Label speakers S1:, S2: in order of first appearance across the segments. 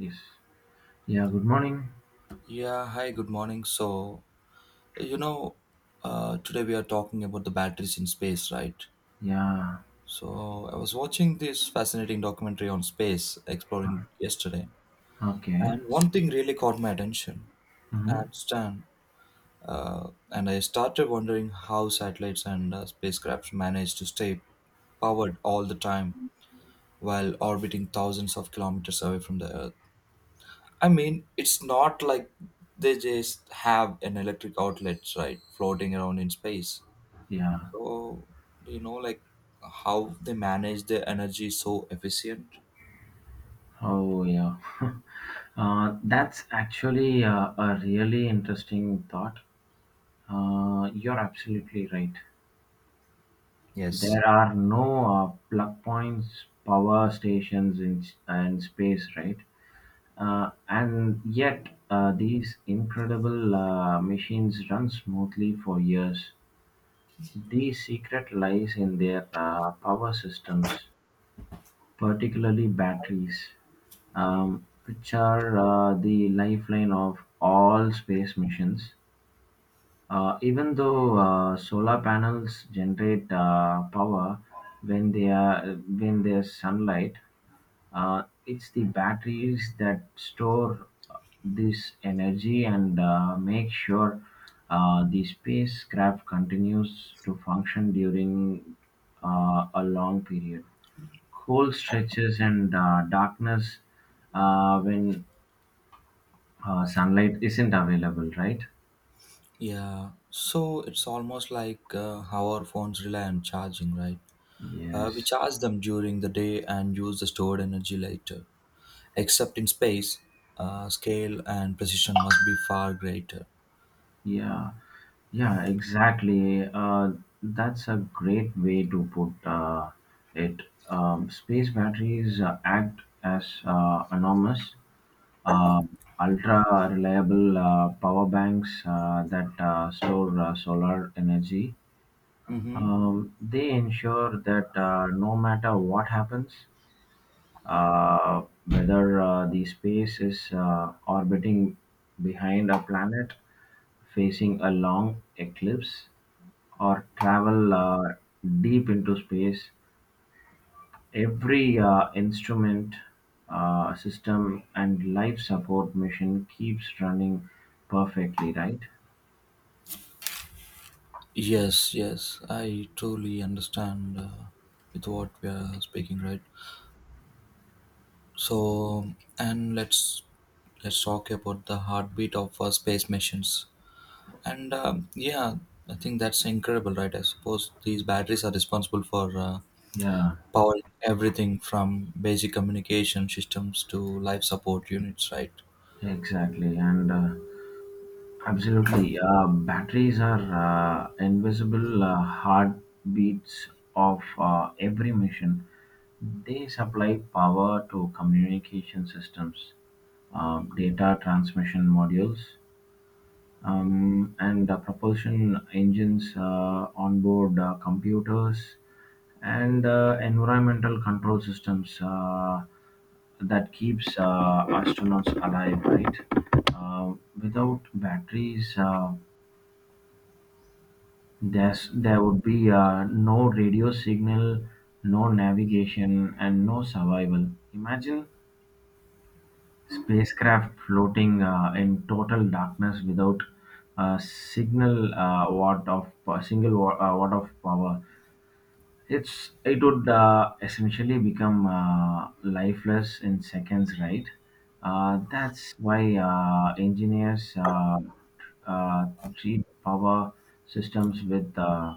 S1: Yes. Yeah, good morning.
S2: Yeah, hi, good morning. You know, Today we are talking about the batteries in space, right?
S1: Yeah,
S2: So, I was watching this fascinating documentary on space exploring yesterday,
S1: okay.
S2: and one thing really caught my attention.
S1: Hmm.
S2: And Stan, and I started wondering how satellites and spacecrafts manage to stay powered all the time while orbiting thousands of kilometers away from the Earth. I mean, it's not like they just have an electric outlet, right, floating around in space.
S1: Yeah.
S2: So, you know, like how they manage their energy so efficient.
S1: Oh, yeah. That's actually a really interesting thought. You're absolutely right.
S2: Yes.
S1: There are no plug points, power stations in, and space, right? And yet, these incredible machines run smoothly for years. The secret lies in their power systems, particularly batteries, which are the lifeline of all space missions. Even though solar panels generate power when they are when there's sunlight, it's the batteries that store this energy and make sure the spacecraft continues to function during a long period. Cold stretches and darkness when sunlight isn't available, right?
S2: Yeah. So it's almost like how our phones rely on charging, right? We
S1: Yes.
S2: charge them during the day and use the stored energy later. Except in space, scale and precision must be far greater.
S1: Yeah. Yeah, exactly. That's a great way to put it. Space batteries act as enormous, uh, ultra reliable power banks that store solar energy. They ensure that no matter what happens, whether the space is orbiting behind a planet, facing a long eclipse, or travel deep into space, every instrument, system, and life support mission keeps running perfectly, right?
S2: Yes, yes, I truly understand with what we are speaking, right? So, and let's talk about the heartbeat of space missions. And um, yeah, I think that's incredible, right? I suppose these batteries are responsible for
S1: Yeah,
S2: powering everything from basic communication systems to life support units, right?
S1: exactly. And Absolutely. Batteries are invisible heartbeats of every mission. They supply power to communication systems, data transmission modules, and propulsion engines, onboard computers, and environmental control systems that keeps astronauts alive. Right? Uh, Without batteries, there would be no radio signal, no navigation, and no survival. Imagine spacecraft floating in total darkness without a signal watt of a single watt of power. It would essentially become lifeless in seconds, right? That's why engineers uh, treat power systems with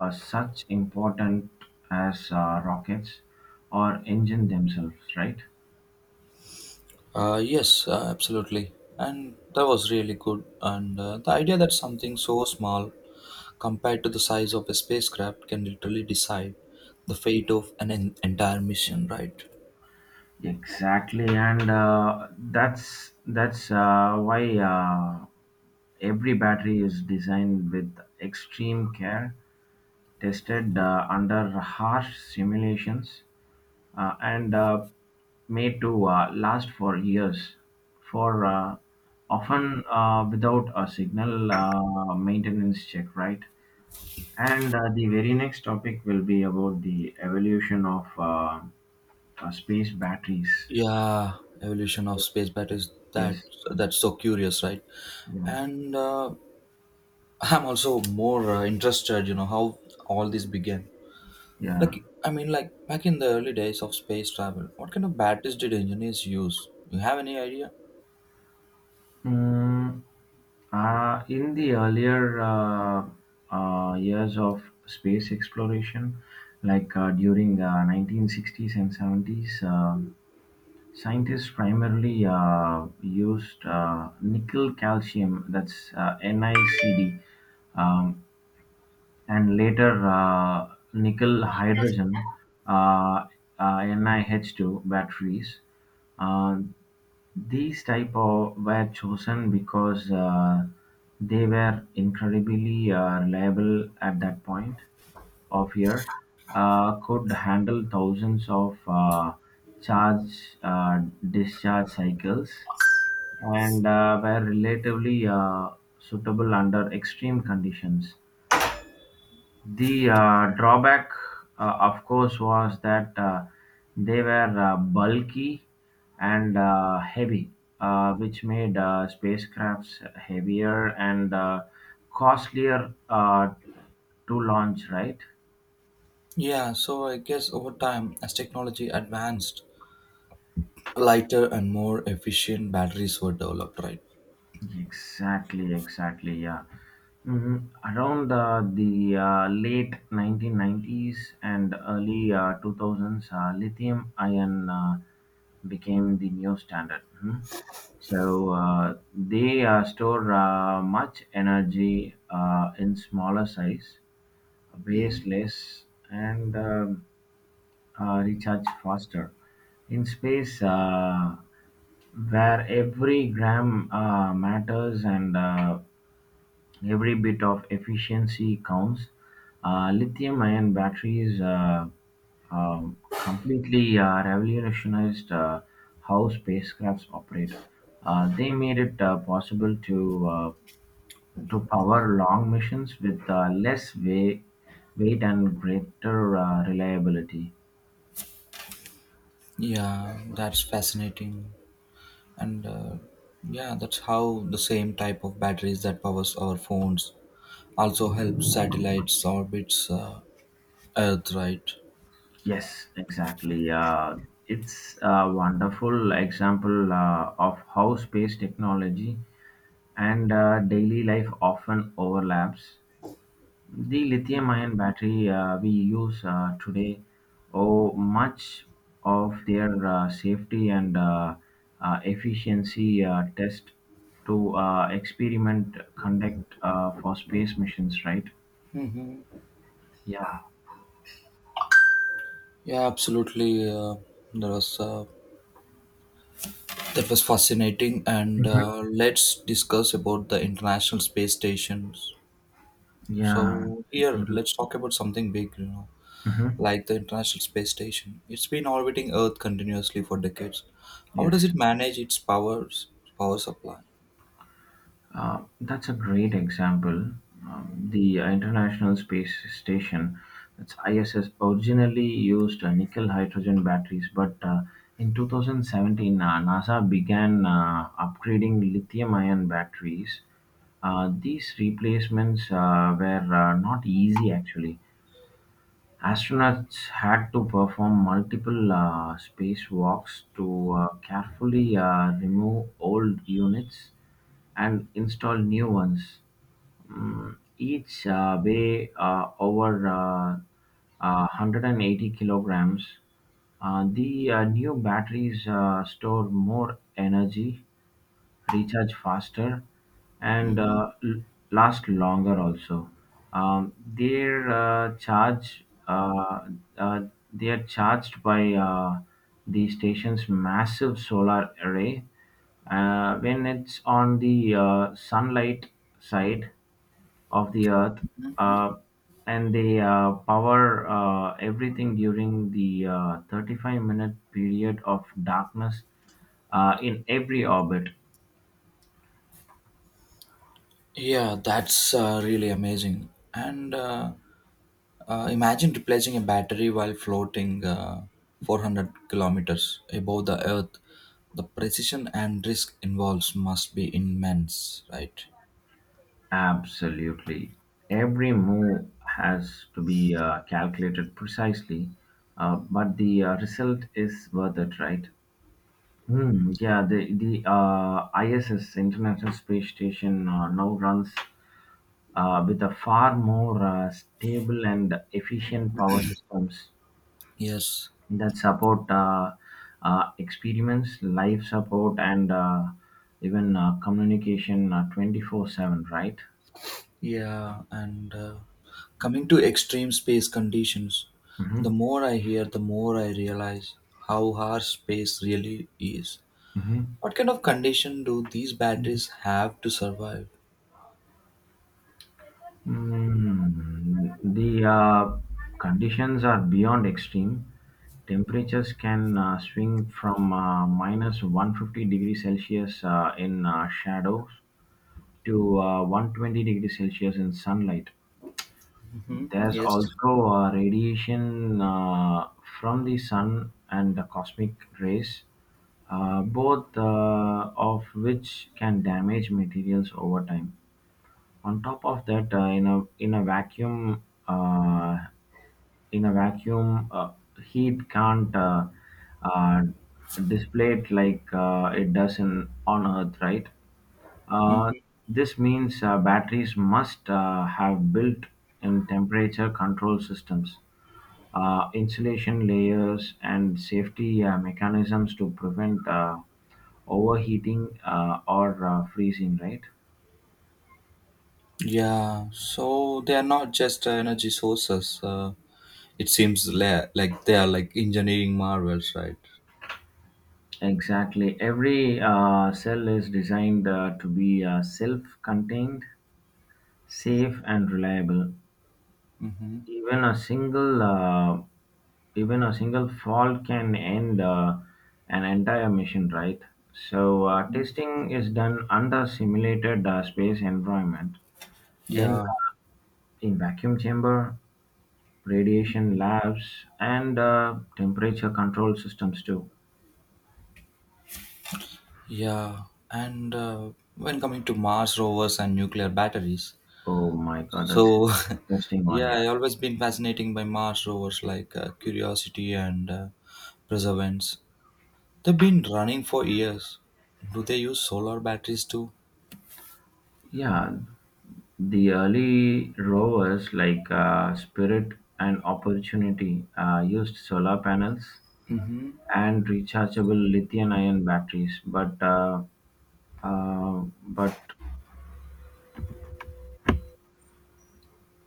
S1: are such important as rockets or engine themselves, right?
S2: Yes, absolutely. And that was really good. And the idea that something so small compared to the size of a spacecraft, can literally decide the fate of entire mission, right?
S1: Exactly, and that's why every battery is designed with extreme care tested under harsh simulations and made to last for years, for often without a signal maintenance check, right? And the very next topic will be about the evolution of space batteries.
S2: Yeah, evolution of
S1: Yes.
S2: space batteries. That
S1: Yes.
S2: that's so curious, right?
S1: Yeah.
S2: And I'm also more interested, you know, how all this began.
S1: Yeah.
S2: Like, back in the early days of space travel, what kind of batteries did engineers use? You have any idea?
S1: Mm, in the earlier years of space exploration, like during the 1960s and 70s, scientists primarily used nickel calcium, that's NiCd, um, and later nickel hydrogen uh, NiH2 batteries. Uh, these type of were chosen because they were incredibly reliable at that point of year. Could handle thousands of charge discharge cycles and were relatively suitable under extreme conditions. The drawback, of course, was that they were bulky and heavy, which made spacecrafts heavier and costlier to launch, right?
S2: Yeah, so I guess over time, as technology advanced, lighter and more efficient batteries were developed, right?
S1: Exactly, exactly. Yeah. hmm Around the late 1990s and early 2000s, lithium ion became the new standard. Mhm. So uh, they store much energy in smaller size, weighs less, and recharge faster. In space, where every gram matters and every bit of efficiency counts, lithium-ion batteries um, completely revolutionized how spacecrafts operate. They made it possible to power long missions with less weight and greater reliability.
S2: Yeah, that's fascinating. And yeah, that's how the same type of batteries that powers our phones also help satellites orbits Earth, right?
S1: Yes, exactly. It's a wonderful example of how space technology and daily life often overlaps. The lithium-ion battery we use today owe much of their safety and efficiency test to experiment conduct for space missions, right?
S2: hmm
S1: Yeah.
S2: Yeah, absolutely. There was that was fascinating, and
S1: Mhm.
S2: let's discuss about the International Space Stations.
S1: Yeah.
S2: So here, let's talk about something big, you know,
S1: Mhm.
S2: like the International Space Station. It's been orbiting Earth continuously for decades. How does
S1: Yes.
S2: it manage its powers, power supply?
S1: That's a great example. The International Space Station, that's ISS, originally used nickel hydrogen batteries, but in 2017, NASA began upgrading lithium ion batteries. These replacements were not easy actually. Astronauts had to perform multiple spacewalks to carefully remove old units and install new ones. Each weigh over 180 kilograms. The new batteries store more energy recharge faster and
S2: Mhm.
S1: last longer also. Their charge uh, they are charged by the station's massive solar array when it's on the sunlight side of the Earth uh, and they power everything during the 35-minute period of darkness in every orbit.
S2: Yeah, that's really amazing. And imagine replacing a battery while floating 400 kilometers above the Earth. The precision and risk involved must be immense, right?
S1: Absolutely. Every move has to be calculated precisely, but the result is worth it, right? Yeah, the ISS, International Space Station, now runs with a far more stable and efficient power systems
S2: Yes.
S1: that support experiments, life support, and even communication 24/7, right?
S2: Yeah, and coming to extreme space conditions, the
S1: hmm
S2: more I hear, the more I realize how harsh space really is. What kind of condition do these batteries have to survive?
S1: The conditions are beyond extreme. Temperatures can swing from minus 150 degrees Celsius in shadows to 120 degrees Celsius in sunlight.
S2: Hmm
S1: There's
S2: Yes.
S1: also radiation from the sun and the cosmic rays, both of which can damage materials over time. On top of that, in a vacuum, in a vacuum, uh, heat can't uh, display it like it does in on Earth, right? Uh,
S2: hmm
S1: this means batteries must have built-in temperature control systems, insulation layers, and safety mechanisms to prevent overheating or freezing, right?
S2: Yeah, so they are not just energy sources. It seems like they are like engineering marvels, right?
S1: Exactly. Every cell is designed to be self contained, safe, and reliable.
S2: hmm
S1: Even a single uh, even a single fault can end an entire mission, right? So testing is done under simulated space environment in
S2: Yeah,
S1: uh, in vacuum chamber, radiation labs, and temperature control systems too.
S2: yeah. And when coming to Mars rovers and nuclear batteries.
S1: Oh my god, that's an
S2: So,
S1: interesting one,
S2: yeah,
S1: yeah.
S2: I always been fascinating by Mars rovers like Curiosity and Perseverance. They've been running for years. Do they use solar batteries too?
S1: Yeah, the early rovers like Spirit and Opportunity used solar panels
S2: Mm-hmm.
S1: and rechargeable lithium-ion batteries, but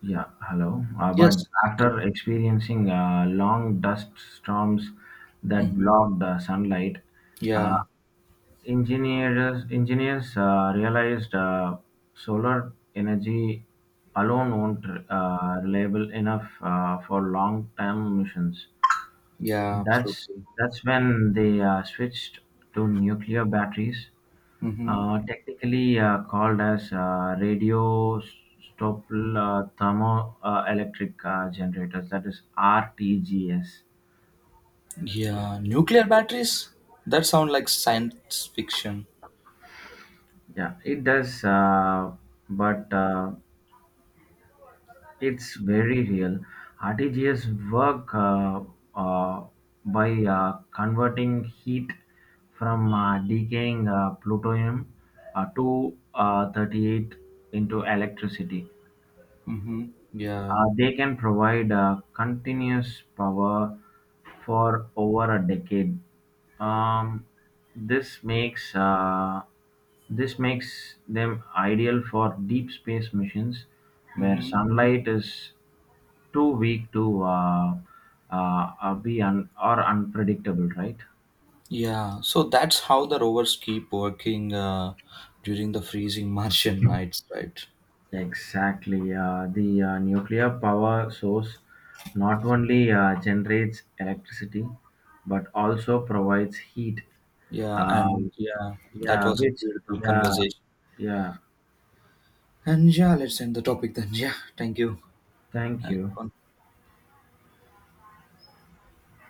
S1: yeah, hello. But
S2: Yes. Okay.
S1: after experiencing long dust storms that
S2: hmm
S1: blocked sunlight, uh,
S2: Yeah.
S1: engineers realized solar energy alone won't reliable enough for long-term missions.
S2: Yeah.
S1: That's
S2: Absolutely.
S1: that's when they switched to nuclear batteries,
S2: Mm-hmm.
S1: technically called as radio stopple thermoelectric generators. That is RTGS.
S2: Yeah. Nuclear batteries. That sound like science fiction.
S1: Yeah, it does, but. It's very real. RTGS work uh, by converting heat from decaying plutonium to 38 into electricity.
S2: Mm-hmm. Yeah.
S1: They can provide continuous power for over a decade. Um, this makes uh, this makes them ideal for deep space missions where
S2: Mm-hmm.
S1: sunlight is too weak to be or unpredictable, right?
S2: Yeah. So that's how the rovers keep working during the freezing Martian nights, right?
S1: Exactly. The nuclear power source not only generates electricity but also provides heat.
S2: Yeah, and
S1: Um,
S2: yeah, that
S1: yeah,
S2: was a beautiful
S1: yeah,
S2: conversation.
S1: yeah,
S2: And yeah, let's end the topic then. Yeah, thank you.
S1: thank
S2: Good
S1: you.
S2: one.